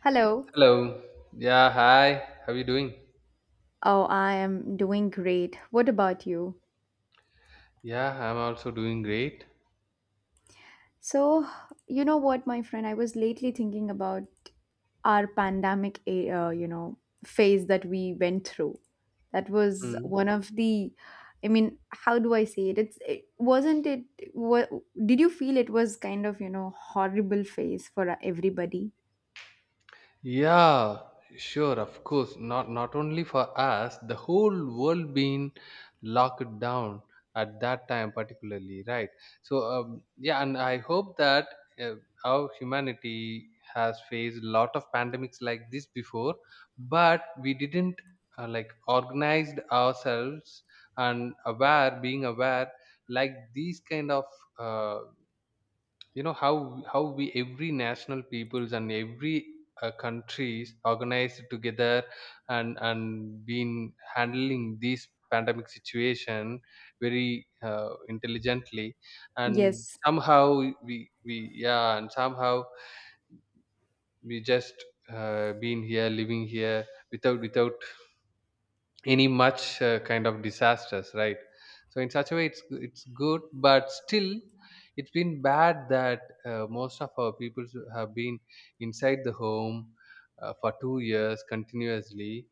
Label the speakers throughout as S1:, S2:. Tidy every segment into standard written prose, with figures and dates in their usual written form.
S1: Hello.
S2: Hello. Yeah, hi. How are you doing?
S1: Oh, I am doing great. What about you?
S2: Yeah, I'm also doing great.
S1: So, you know what, my friend, I was lately thinking about our pandemic, you know, phase that we went through. That was
S2: Hmm.
S1: one of the, I mean, how do I say it? It wasn't it. What did you feel? It was kind of, you know, horrible phase for everybody.
S2: Yeah, sure, of course. Not only for us, the whole world being locked down at that time, particularly, right? Yeah, and I hope that uh, our humanity has faced a lot of pandemics like this before, but we didn't like organized ourselves and aware, being aware, like these kind of uh, how we every national peoples and every countries organized together and been handling this pandemic situation very intelligently and
S1: Yes.
S2: somehow we yeah, and somehow we just been here living here without any much kind of disasters, right? So in such a way it's good, but still it's been bad that most of our people have been inside the home for 2 years continuously,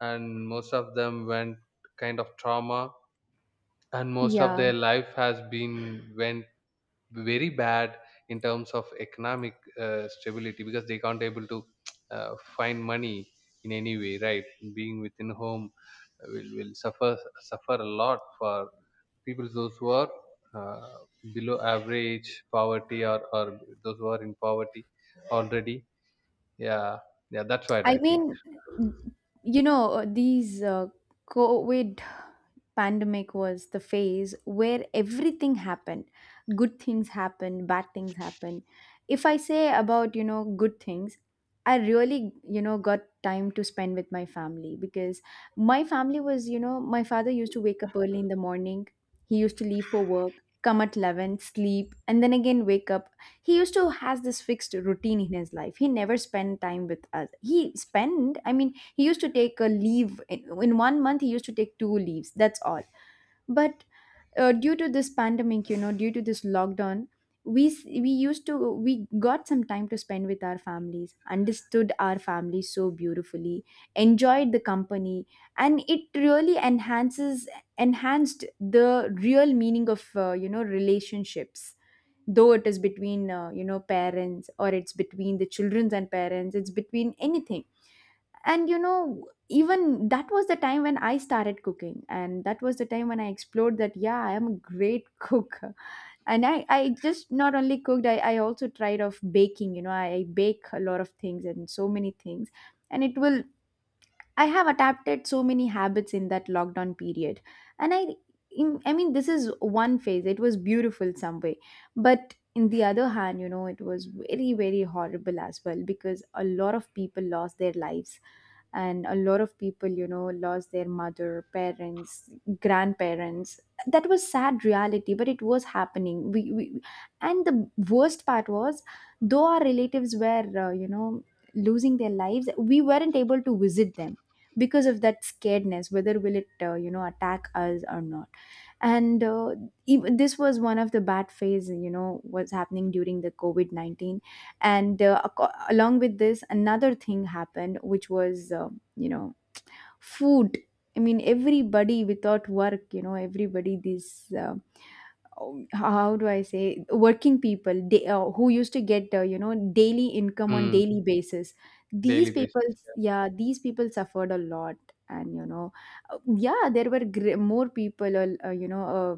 S2: and most of them went kind of trauma, and most of
S1: Yeah.
S2: their life has been went very bad in terms of economic stability because they can't able to find money in any way, right? Being within home will suffer suffer a lot for people those who are uh, below average poverty or those who are in poverty already. Yeah, yeah, that's what I
S1: I
S2: think.
S1: mean, you know, these COVID pandemic was the phase where everything happened. Good things happened, bad things happened. If I say about, you know, good things, I really, you know, got time to spend with my family because my family was, you know, my father used to wake up early in the morning. He used to leave for work, come at 11, sleep, and then again wake up. He used to has this fixed routine in his life. He never spent time with us. He spent, I mean, he used to take a leave in one month. He used to take two leaves, that's all. But due to this pandemic, you know, due to this lockdown, we used to, we got some time to spend with our families, understood our families so beautifully, enjoyed the company, and it really enhances enhanced the real meaning of you know, relationships, though it is between you know, parents, or it's between the children's and parents, it's between anything. And you know, even that was the time when I started cooking, and that was the time when I explored that, yeah, I am a great cook. And I just not only cooked, I also tried of baking. You know, I bake a lot of things and so many things. And it will I have adapted so many habits in that lockdown period. And I, I mean, this is one phase. It was beautiful some way. But in the other hand, you know, it was very very horrible as well, because a lot of people lost their lives, and a lot of people, you know, lost their mother, parents, grandparents. That was sad reality, but it was happening. We and the worst part was, though our relatives were, you know, losing their lives, we weren't able to visit them because of that scaredness, whether will it, you know, attack us or not. And even, this was one of the bad phase, you know, was happening during the COVID-19. And along with this another thing happened, which was you know, food. I mean, everybody without work, you know, everybody these how do I say, working people, they, who used to get, you know, daily income on
S2: Mm.
S1: daily basis,
S2: Daily
S1: these people,
S2: basis.
S1: yeah, these people suffered a lot. And you know, yeah, there were more people, you know,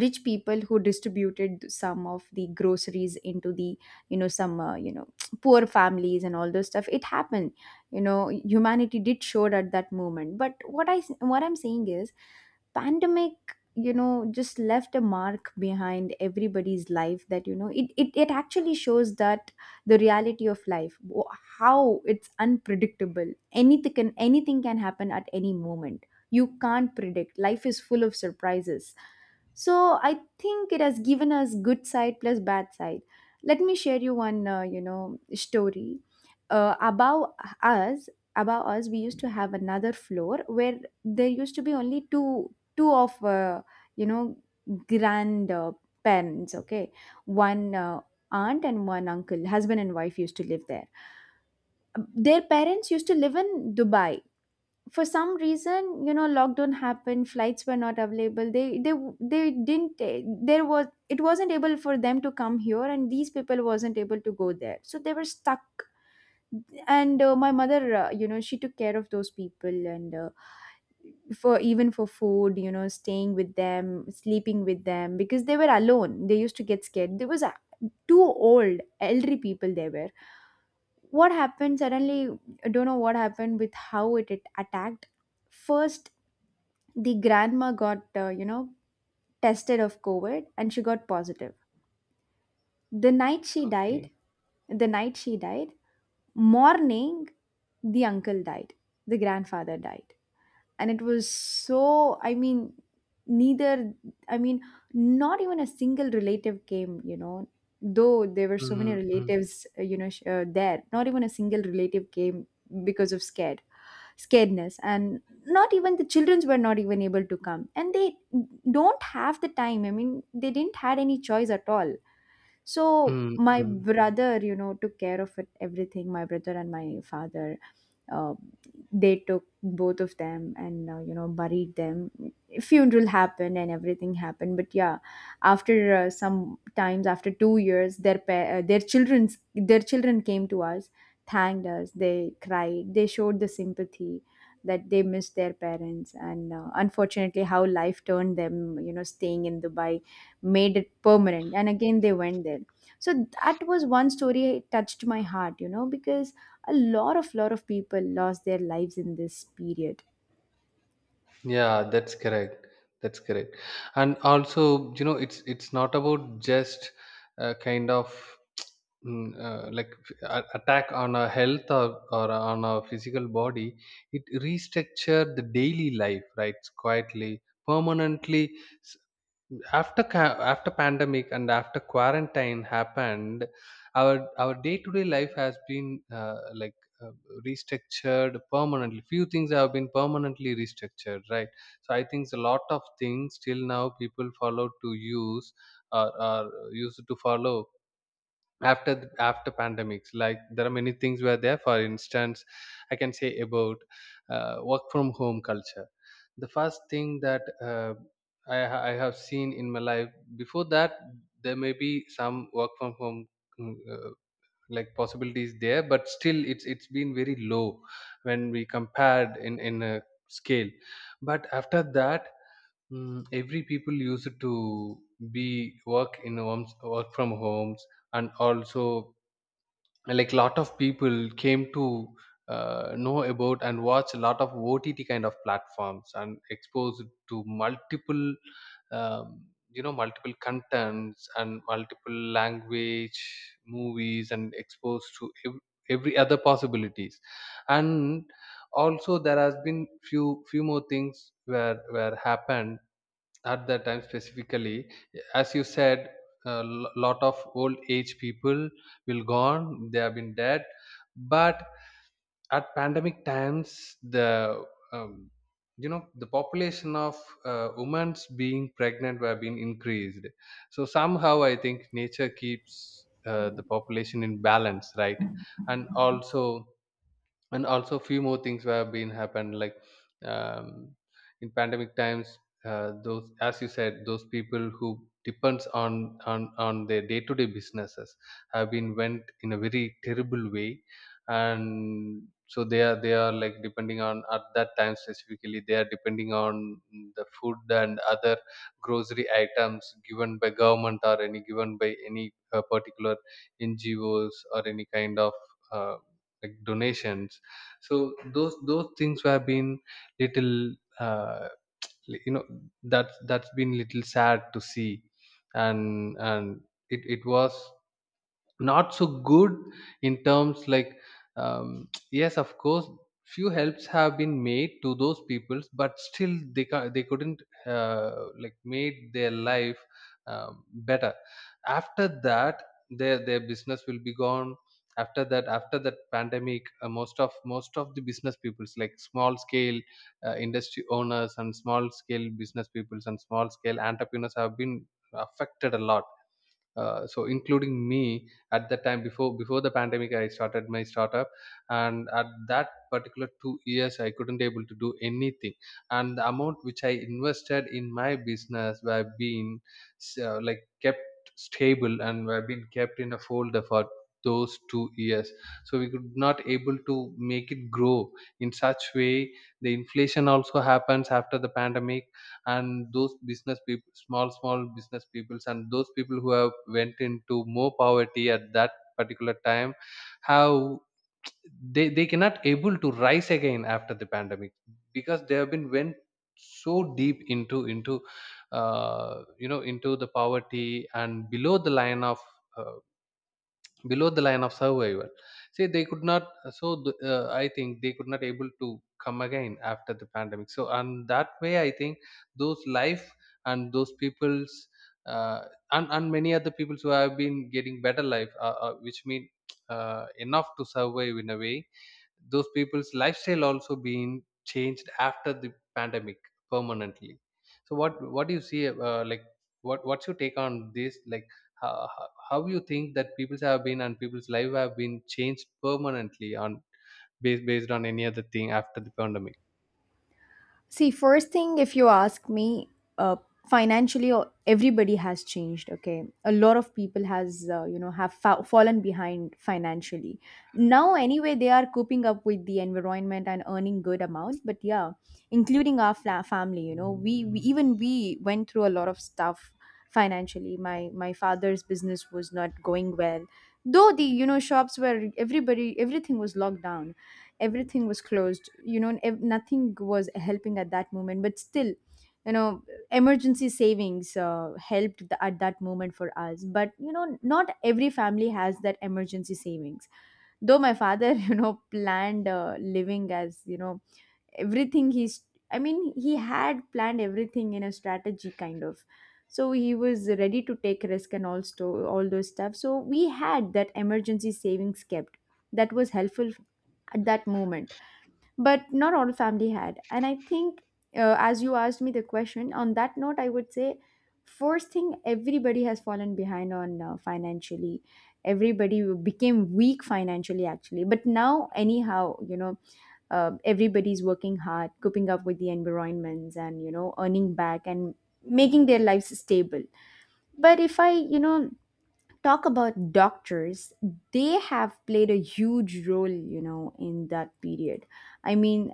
S1: rich people who distributed some of the groceries into the, you know, some, you know, poor families, and all those stuff it happened. You know, humanity did showed at that moment. But what I, what I'm saying is, pandemic, you know, just left a mark behind everybody's life, that you know, it it actually shows that the reality of life, how it's unpredictable, anything can, anything can happen at any moment. You can't predict, life is full of surprises. So I think it has given us good side plus bad side. Let me share you one, you know, story. Uh, above us, above us, we used to have another floor where there used to be only two, two of, you know, grand parents. Okay, one aunt and one uncle, husband and wife used to live there. Their parents used to live in Dubai. For some reason, you know, lockdown happened, flights were not available, they didn't, there was, it wasn't able for them to come here, and these people wasn't able to go there, so they were stuck. And my mother, you know, she took care of those people, and for even for food, you know, staying with them, sleeping with them, because they were alone, they used to get scared. There was a, two old elderly people, they were, what happened suddenly, I don't know what happened, with how it attacked. First, the grandma got, you know, tested of covid, and she got positive. The night she died.
S2: Okay.
S1: The night she died, morning the uncle died, the grandfather died. And it was so, I mean, neither, I mean, not even a single relative came, you know, though there were so many
S2: Mm-hmm.
S1: relatives, you know, there, not even a single relative came because of scared, scaredness. And not even the childrens were not even able to come, and they don't have the time, I mean, they didn't had any choice at all. So my brother, you know, took care of it everything, my brother and my father, uh, they took both of them and, you know, buried them, funeral happened and everything happened. But yeah, after some times, after 2 years, their their children's, their children came to us, thanked us, they cried, they showed the sympathy that they missed their parents. And unfortunately, how life turned them, you know, staying in Dubai made it permanent. And again, they went there. So that was one story, it touched my heart, you know, because a lot of people lost their lives in this period.
S2: Yeah, that's correct. That's correct. And also, you know, it's not about just uh, kind of like attack on our health, or on our physical body. It restructure the daily life, right? Quietly, permanently. After after pandemic and after quarantine happened, our our day to day life has been like uh, restructured permanently. Few things have been permanently restructured, right? So I think a lot of things till now people follow to use, or used to follow after after pandemics. Like there are many things were there. For instance, I can say about work from home culture, the first thing that I have seen in my life. Before that, there may be some work from home mm, uh, like possibilities there, but still it's been very low when we compared in a scale. But after that, mm, every people used to be work in homes, work from homes, and also like lot of people came to know about and watch a lot of OTT kind of platforms and exposed to multiple, um, you know, multiple contents and multiple language, movies, and exposed to every other possibilities, and also there has been few more things where happened at that time specifically. As you said, a lot of old age people will gone, they have been dead, but at pandemic times the um, you know, the population of women's being pregnant were being increased. So somehow I think nature keeps the population in balance, right? And also, and also few more things have been happened, like um, in pandemic times, those, as you said, those people who depends on on their day to day businesses have been went in a very terrible way. And so they are, they are like depending on, at that time specifically they are depending on the food and other grocery items given by government, or any given by any particular ngos or any kind of uh, like donations. So those things have been little you know, that's been little sad to see. And it, it was not so good in terms like, yes of course few helps have been made to those peoples, but still they they couldn't like made their life um, better after that. Their business will be gone after that, after that pandemic most of the business peoples, like small scale industry owners and small scale business peoples and small scale entrepreneurs have been affected a lot. So including me, at that time, before before the pandemic I started my startup, and at that particular 2 years I couldn't able to do anything, and the amount which I invested in my business were being like kept stable and were being kept in a folder for those 2 years. So we could not able to make it grow in such way. The inflation also happens after the pandemic, and those business people, small small business peoples, and those people who have went into more poverty at that particular time, how they cannot able to rise again after the pandemic because they have been went so deep into you know, into the poverty and below the line of uh, below the line of survival. See, they could not, so I think they could not able to come again after the pandemic. So and that way I think those life and those people's, uh, and many other people who have been getting better life, which mean enough to survive in a way, those people's lifestyle also being changed after the pandemic permanently. So what do you see, like, what's your take on this, like how, how you think that people's have been and people's life have been changed permanently on based on any other thing after the pandemic?
S1: See, first thing, if you ask me, uh, financially, everybody has changed. Okay, a lot of people has, you know, have fallen behind financially. Now, anyway, they are coping up with the environment and earning good amount. But yeah, including our family, you know, we went through a lot of stuff financially. My father's business was not going well, though the, you know, shops were, everybody, everything was locked down, everything was closed, you know, nothing was helping at that moment. But still, you know, emergency savings, helped at that moment for us. But you know, not every family has that emergency savings, though my father you know, planned, living as, you know, everything he's, I mean, he had planned everything in a strategy kind of, so he was ready to take risk, and also all those stuff. So we had that emergency savings kept, that was helpful at that moment. But not all family had. And I think, as you asked me the question on that note, I would say, first thing, everybody has fallen behind on, financially, everybody became weak financially actually. But now anyhow, you know, everybody's working hard, coping up with the environments, and you know, earning back and making their lives stable. But if I, you know, talk about doctors, they have played a huge role, you know, in that period. I mean,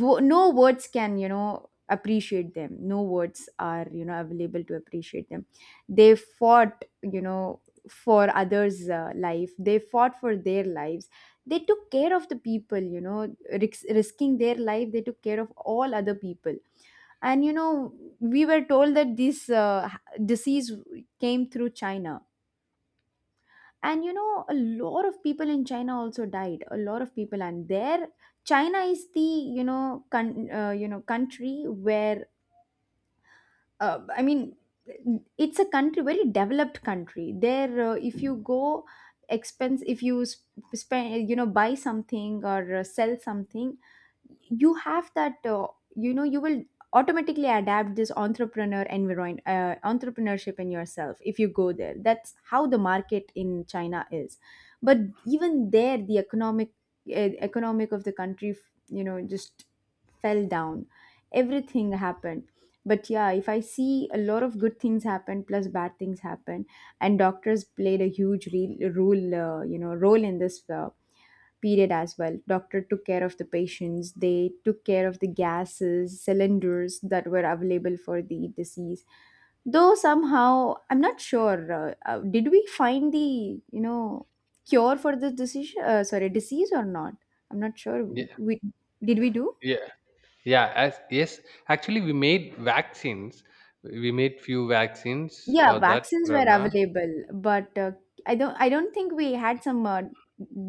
S1: no words can, you know, appreciate them, no words are, you know, available to appreciate them. They fought, you know, for others, life, they fought for their lives, they took care of the people, you know, risking their life, they took care of all other people. And you know, we were told that this disease came through China. And you know, a lot of people in China also died, a lot of people. And there, China is the, you know, you know, country where, I mean, it's a country, very developed country. There, if you go expense, if you spend, you know, buy something, or sell something, you have that, you know, you will automatically adapt this entrepreneur environment, entrepreneurship in yourself if you go there. That's how the market in China is. But even there, the economic, uh, economic of the country, you know, just fell down. Everything happened. But yeah, if I see, a lot of good things happen plus bad things happen, and doctors played a huge role, you know, role in this period as well. Doctor took care of the patients, they took care of the gases cylinders that were available for the disease. Though somehow I'm not sure, did we find the, you know, cure for this disease, sorry, disease or not. I'm not sure.
S2: Yeah.
S1: We did, we do.
S2: Yeah. yeah as Yes, actually we made vaccines. We made few vaccines
S1: Yeah,
S2: for that
S1: vaccines were
S2: corona.
S1: available, but I don't think we had some,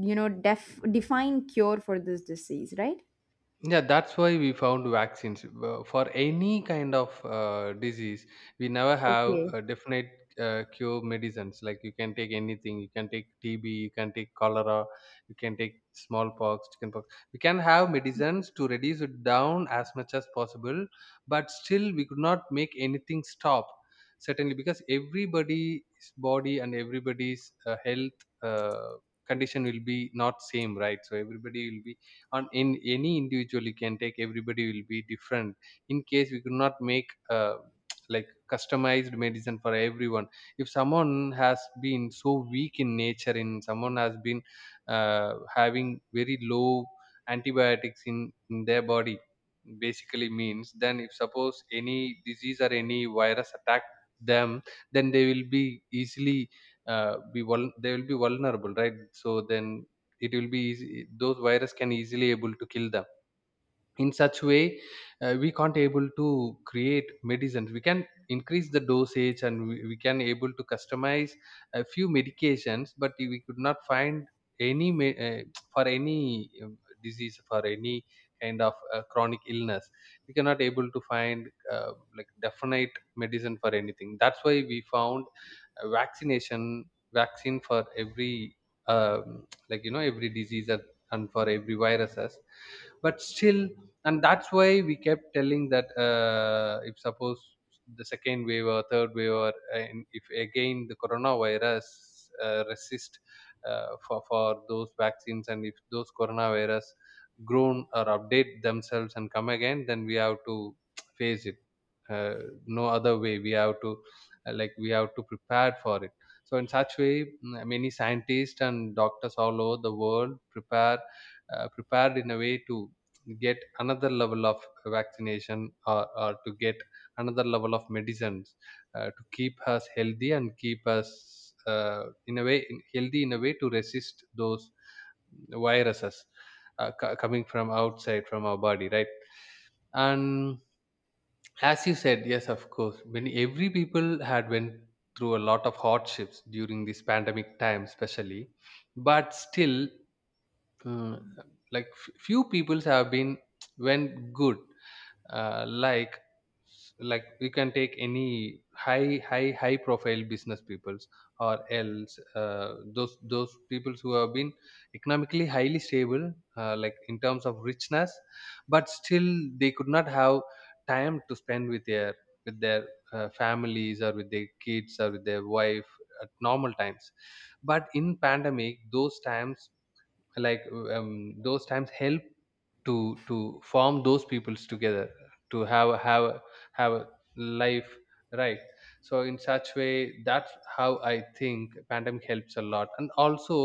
S1: you know, defined cure for this disease, right?
S2: Yeah, that's why we found vaccines. For any kind of disease we never have
S1: Okay.
S2: a definite cure medicines. Like you can take anything, you can take tb, you can take cholera, you can take smallpox, chickenpox. We can have medicines to reduce it down as much as possible, but still we could not make anything stop certainly, because everybody's body and everybody's health condition will be not same, right? So everybody will be on in any individual, you can take, everybody will be different. In case we could not make uh, like customized medicine for everyone. If someone has been so weak in nature and someone has been having very low antibiotics in their body, basically means, then if suppose any disease or any virus attack them, then they will be easily they will be vulnerable, right? So then it will be easy, those virus can easily able to kill them. In such way, we can't able to create medicines. We can increase the dosage and we can able to customize a few medications, but we could not find any for any disease, for any kind of chronic illness, we cannot able to find like definite medicine for anything. That's why we found a vaccination, vaccine for every, like you know, every disease and for every viruses. But still, and that's why we kept telling that if suppose the second wave or third wave or, and if again the coronavirus resist for those vaccines, and if those coronavirus grown or update themselves and come again, then we have to face it. uh, no other way, we have to like we have to prepare for it. So in such way, mm, many scientists and doctors all over the world prepare prepared in a way to get another level of vaccination, or to get another level of medicines to keep us healthy and keep us in a way in, healthy in a way to resist those viruses coming from outside from our body, right? And as you said, yes of course, when every people had went through a lot of hardships during this pandemic time especially. But still, mm, like few peoples have been went good, uh, like like you can take any high high high profile business peoples, or else those peoples who have been economically highly stable, like in terms of richness. But still they could not have time to spend with their, with their families or with their kids or with their wife at normal times. But in pandemic those times, like those times help to form those peoples together to have a life, right? So in such way, that's how I think pandemic helps a lot. And also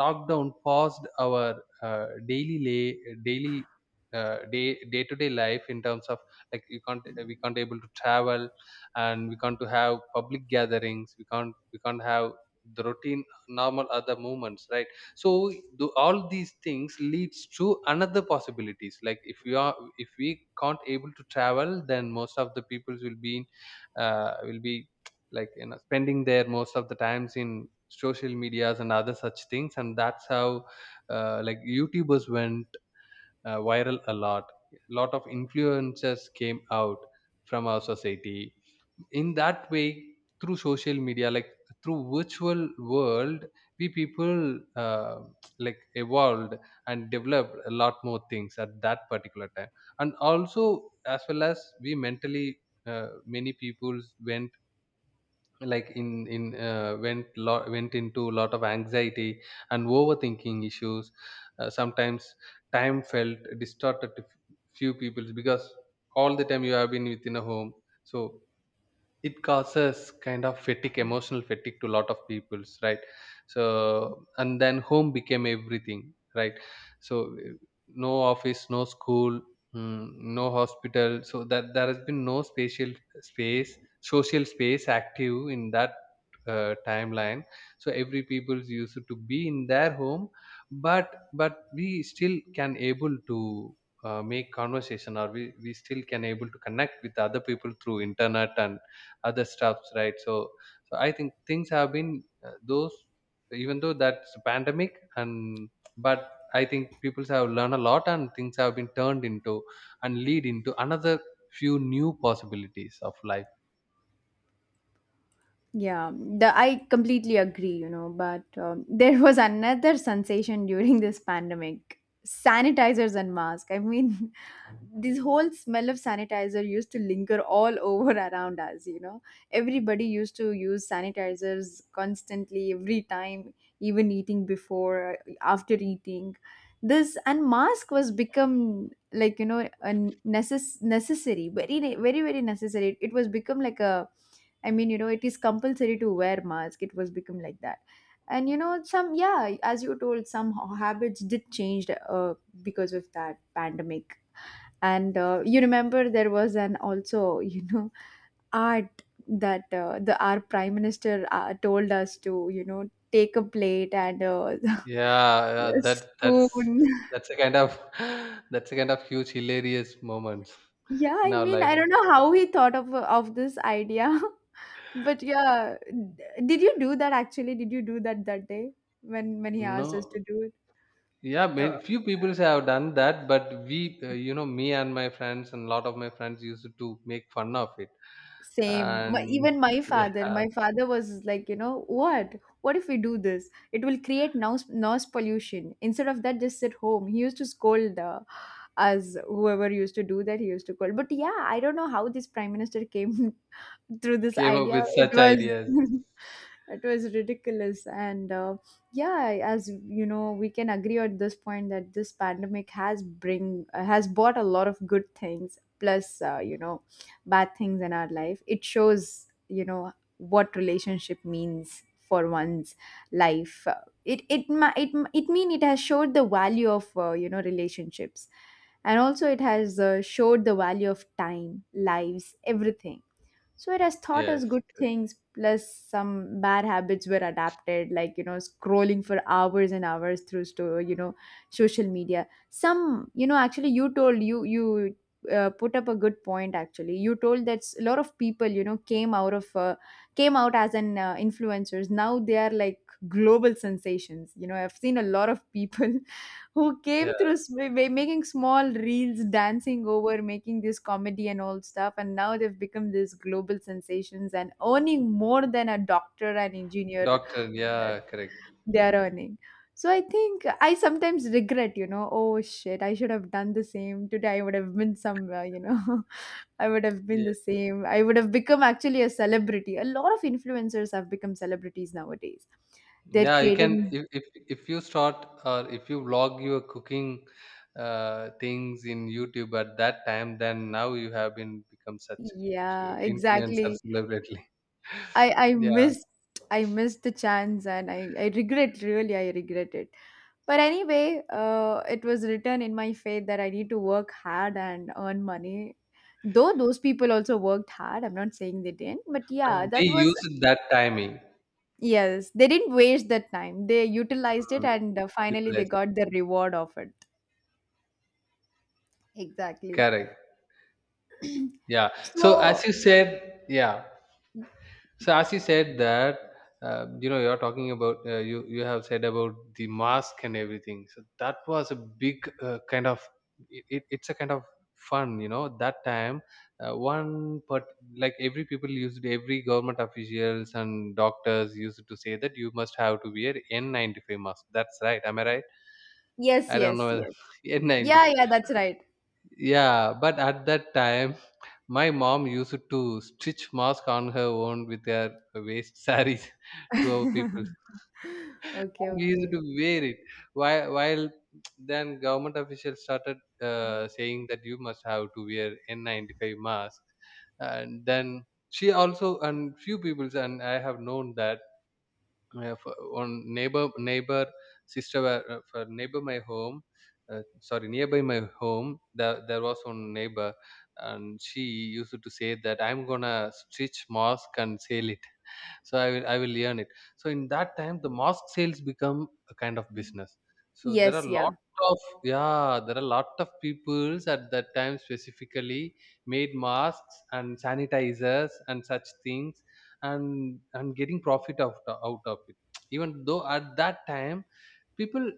S2: lockdown paused our uh, daily daily uh, day day to day life in terms of like you can't, we can't able to travel, and we can't to have public gatherings, we can't have the routine normal other movements, right? So the, all these things leads to another possibilities, like if we are, if we can't able to travel, then most of the peoples will be in, will be like, you know, spending their most of the times in social medias and other such things. And that's how like youtubers went viral a lot. A lot of influencers came out from our society in that way, through social media, like through virtual world, we people like evolved and developed a lot more things at that particular time. And also, as well as, we mentally many people went, like in went lot went into a lot of anxiety and overthinking issues. Sometimes time felt distorted to few people, because all the time you have been within a home, so it causes kind of fatigue, emotional fatigue, to a lot of peoples, right? So, and then home became everything, right? So, no office, no school, mm, no hospital, so that there has been no spatial space, social space active in that timeline. So every people's used to be in their home, but we still can able to make conversation, or we still can able to connect with other people through internet and other stuffs, right? So so I think things have been those even though that's a pandemic, and but I think people have learned a lot, and things have been turned into and lead into another few new possibilities of life.
S1: Yeah, the, I completely agree, you know, but there was another sensation during this pandemic, sanitizers and masks. I mean, this whole smell of sanitizer used to linger all over around us, you know. Everybody used to use sanitizers constantly, every time, even eating before, after eating. This and mask was become like a necessary, very necessary. It was become like a, I mean, you know, it is compulsory to wear mask. It was become like that. And you know, some, yeah, as you told, some habits did change because of that pandemic. And you remember there was an also you know art that the our prime minister told us to, you know, take a plate and
S2: Yeah, yeah, that that's
S1: spoon.
S2: that's a kind of that's a kind of huge hilarious moments
S1: Yeah,
S2: in
S1: I
S2: our
S1: mean,
S2: life.
S1: I don't know how he thought of this idea, but yeah, did you do that actually? Did you do that day when he asked us to
S2: No.
S1: do it?
S2: Yeah,
S1: No.
S2: few people have done that, but we— you know, me and my friends, and a lot of my friends used to make fun of it.
S1: Same. My,
S2: And
S1: even
S2: yeah,
S1: my father was like, you know, what? What if we do this? It will create noise pollution. Instead of that, just sit home. He used to scold us, whoever used to do that, he used to scold. But yeah, I don't know how this prime minister came through this
S2: came up
S1: idea.
S2: with
S1: It
S2: such
S1: was
S2: ideas.
S1: it was ridiculous and yeah, as you know, we can agree at this point that this pandemic has bring has brought a lot of good things plus bad things in our life. It shows, you know, what relationship means for one's life. It it ma- it mean it has showed the value of relationships, and also it has showed the value of time, lives, everything. So it has taught us
S2: Yes,
S1: good
S2: correct.
S1: things plus some bad habits were adapted, like you know, scrolling for hours and hours through social media. Some you know Actually, you told, you put up a good point. Actually, you told that, a lot of people, you know, came out of came out as an influencers. Now they are like global sensations. You know, I've seen a lot of people who came
S2: Yeah,
S1: through making small reels, dancing over, making this comedy and all stuff. And now they've become these global sensations and earning more than a doctor and engineer
S2: doctor. Yeah, correct.
S1: they are earning. So I think I sometimes regret, you know, oh shit, I should have done the same. Today I would have been somewhere, you know, I would have been
S2: Yeah,
S1: the same. I would have become actually a celebrity. A lot of influencers have become celebrities nowadays. They're
S2: yeah. You can—
S1: creating,
S2: if you start, or if you vlog your cooking things in YouTube at that time, then now you have been become such a
S1: yeah,
S2: a influencer
S1: exactly.
S2: celebrity.
S1: I I
S2: Yeah,
S1: missed I missed the chance, and I regret, really, I regret it. But anyway, it was written in my fate that I need to work hard and earn money. Though those people also worked hard, I'm not saying they didn't, but
S2: but
S1: yeah,
S2: they
S1: that was,
S2: use that timing.
S1: yes, they didn't waste that time. They utilized it,
S2: Mm,
S1: and finally they
S2: utilize,
S1: got the reward of it. Exactly.
S2: correct. Yeah. So as
S1: So,
S2: you said, yeah. So as you said that, you know, you're talking about you you have said about the mask and everything. So that was a big kind of— it's a kind of fun, you know. That time, one but like every people used, every government officials and doctors used to say that you must have to wear N95 mask. That's right. Am I right?
S1: yes,
S2: I don't know
S1: yes,
S2: whether
S1: yes. Yeah,
S2: N95.
S1: yeah, that's right.
S2: Yeah, but at that time, my mom used to stitch mask on her own with her waist sarees to our people.
S1: Okay,
S2: And we used
S1: okay.
S2: to wear it. While then government officials started saying that you must have to wear N95 mask, and then she also— and few people and I have known that for on neighbor neighbor sister were- for neighbor my home sorry, nearby my home, there was one neighbor, and she used to say that I'm gonna stitch mask and sell it, so I will earn it. So in that time the mask sales become a kind of business. So there are
S1: Yes,
S2: lot
S1: yeah.
S2: of— yeah, there are lot of peoples at that time specifically made masks and sanitizers and such things, and getting profit out of it, even though at that time people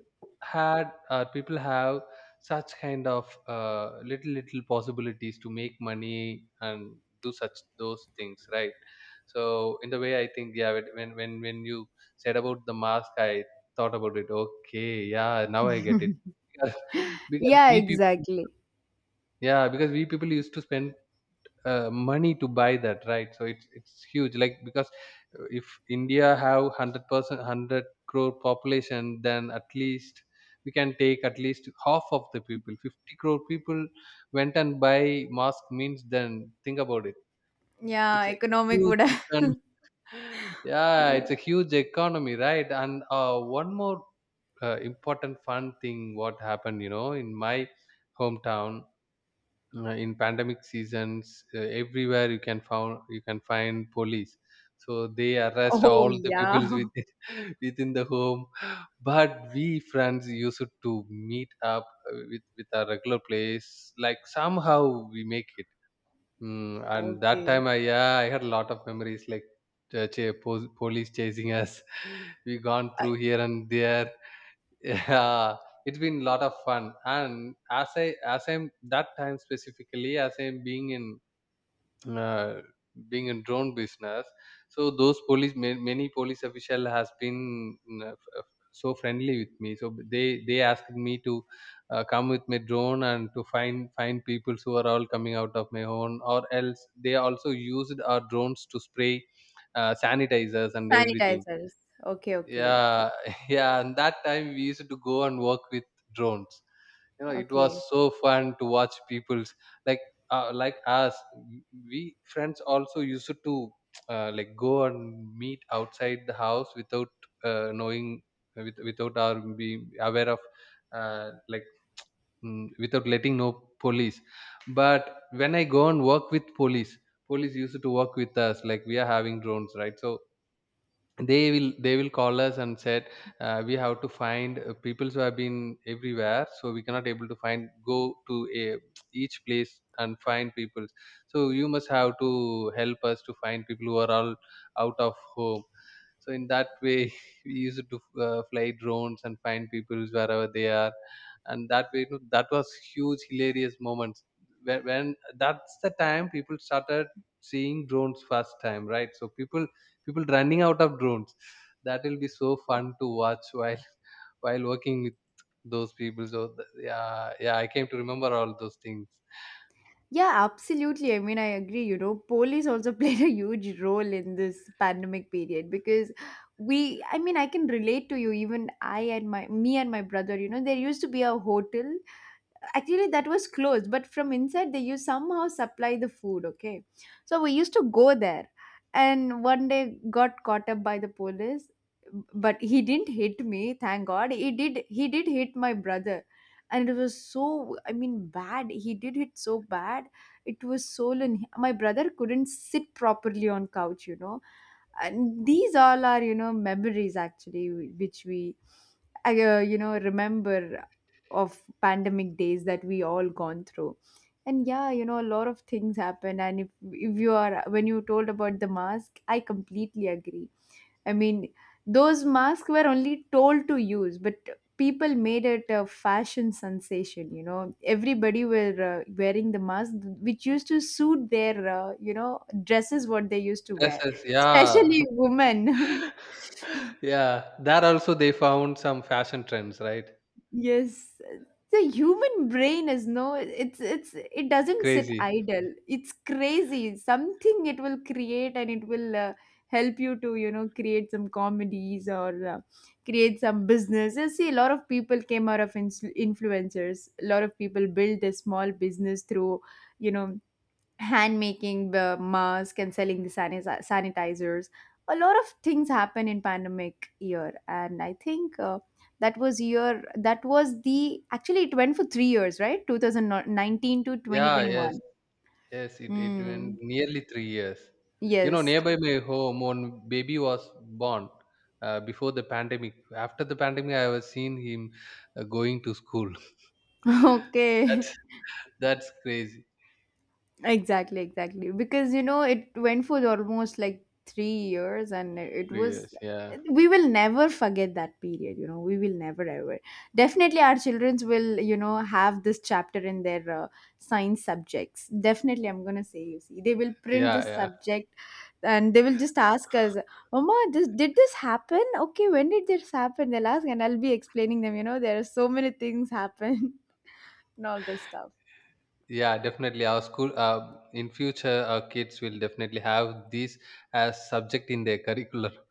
S2: had, or people have such kind of little little possibilities to make money and do such those things, right? So in the way I think, yeah, when you said about the mask, I thought about it. Okay, yeah, now I get it. because, because
S1: Yeah,
S2: we people—
S1: exactly.
S2: yeah, because we people used to spend money to buy that, right? So it's huge, like, because if india have 100% 100 crore population, then at least we can take at least half of the people, 50 crore people went and buy mask means, then think about it,
S1: Yeah,
S2: it's a
S1: economic would
S2: huge
S1: have.
S2: yeah, it's a huge economy, right? And one more important fun thing what happened, you know, in my hometown, in pandemic seasons, everywhere you can found— you can find police, so they arrest
S1: Oh,
S2: all the people
S1: yeah.
S2: within within the home. But we friends used to meet up, with our regular place, like somehow we make it. And that
S1: Okay.
S2: time I yeah, I had a lot of memories, like uh, ch- police chasing us, we gone
S1: Uh,
S2: through here and there. Yeah, it's been a lot of fun, and as I'm that time specifically, as I'm being in uh, being in drone business, so those many police official has been, so friendly with me, so they asked me to come with my drone and to find people who are all coming out of my own, or else they also used our drones to spray sanitizers and everything.
S1: sanitizers. Okay, okay, okay,
S2: Yeah, yeah, and that time we used to go and work with drones. You know, it was
S1: okay.
S2: so fun to watch people's, like, like us we friends also used to like go and meet outside the house without knowing, without our being aware of— uh, like without letting know police, but when I go and work with police, police used to work with us, like, we are having drones, right? So they will call us and said, we have to find people who have been everywhere, so we cannot able to find— go to a each place and find people. So you must have to help us to find people who are all out of home. So in that way we used to fly drones and find people wherever they are. And that way, you know, that was huge hilarious moments when that's the time people started seeing drones first time, right? So people— people running out of drones, that will be so fun to watch while while working with those people, so yeah, yeah, I came to remember all those things.
S1: Yeah, absolutely. I mean, I agree. You know, police also played a huge role in this pandemic period because we, I mean, I can relate to you. Even me and my brother, you know, there used to be a hotel actually that was closed, but from inside they used somehow supply the food. Okay, so we used to go there, and one day got caught up by the police. But he didn't hit me, thank god. He did hit my brother, and it was so, I mean, bad. He did hit so bad, it was swollen. My brother couldn't sit properly on couch, you know. And these all are, you know, memories actually which we, I, remember of pandemic days that we all gone through. And yeah, you know, a lot of things happen. And if you are when you told about the mask, I completely agree. I mean, those masks were only told to use, but people made it a fashion sensation. You know, everybody were wearing the mask which used to suit their dresses what they used to wear,
S2: Dresses, yeah.
S1: especially women.
S2: Yeah, there also they found some fashion trends, right?
S1: Yes, the human brain is no, it's it doesn't sit
S2: Crazy.
S1: idle. It's crazy. Something it will create and it will help you to, you know, create some comedies or create some business. You see, a lot of people came out of ins influencers. A lot of people built a small business through, you know, hand making the mask and selling the sanitizers. A lot of things happen in pandemic year, and I think that was year, that was the, actually it went for 3 years, right? 2019 to
S2: Yeah, yes,
S1: 2021.
S2: yes, it
S1: Hmm.
S2: went nearly 3 years. You know,
S1: Yes.
S2: nearby my home, one baby was born before the pandemic. After the pandemic, I was seeing him going to school.
S1: Okay.
S2: That's that's crazy.
S1: Exactly, exactly. Because you know, it went for almost like 3 years, and it
S2: Three
S1: was.
S2: years, yeah,
S1: We will never forget that period. You know, we will never ever. Definitely, our childrens will, you know, have this chapter in their science subjects. Definitely, I'm gonna say. You see, they will print
S2: yeah,
S1: this
S2: yeah.
S1: subject, and they will just ask us, "Mama, this, did this happen? Okay, when did this happen?" They'll ask, and I'll be explaining them. You know, there are so many things happen and all this stuff.
S2: Yeah, definitely. Our school— in future, our kids will definitely have these as subject in their curriculum.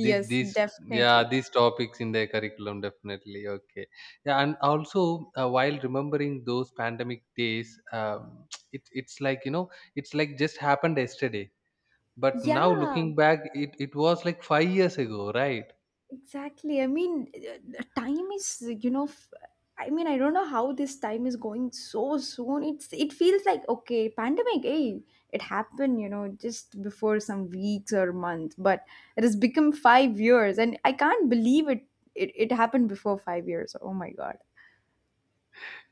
S2: Yeah,
S1: definitely.
S2: these topics in their curriculum, definitely. Okay. Yeah, and also while remembering those pandemic days, it's like, you know, it's like just happened yesterday. But now
S1: Yeah,
S2: looking back, it was like 5 years ago, right?
S1: exactly. I mean, time is, you know, I mean, I don't know how this time is going so soon. It's, it feels like, okay, pandemic, hey, it happened, you know, just before some weeks or months, but it has become 5 years, and I can't believe it. It happened before 5 years. Oh my god.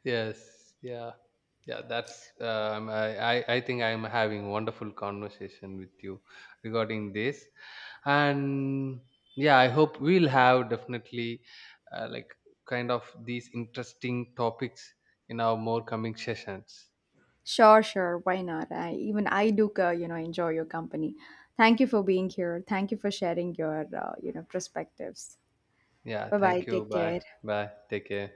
S2: Yes, yeah, yeah. That's I think I'm having wonderful conversation with you regarding this, and yeah, I hope we'll have definitely like kind of these interesting topics in our more coming sessions.
S1: Sure, sure. Why not? I, even I do, enjoy your company. Thank you for being here. Thank you for sharing your, perspectives.
S2: Yeah,
S1: Bye bye.
S2: thank you.
S1: Take
S2: Bye,
S1: care.
S2: bye. Take care.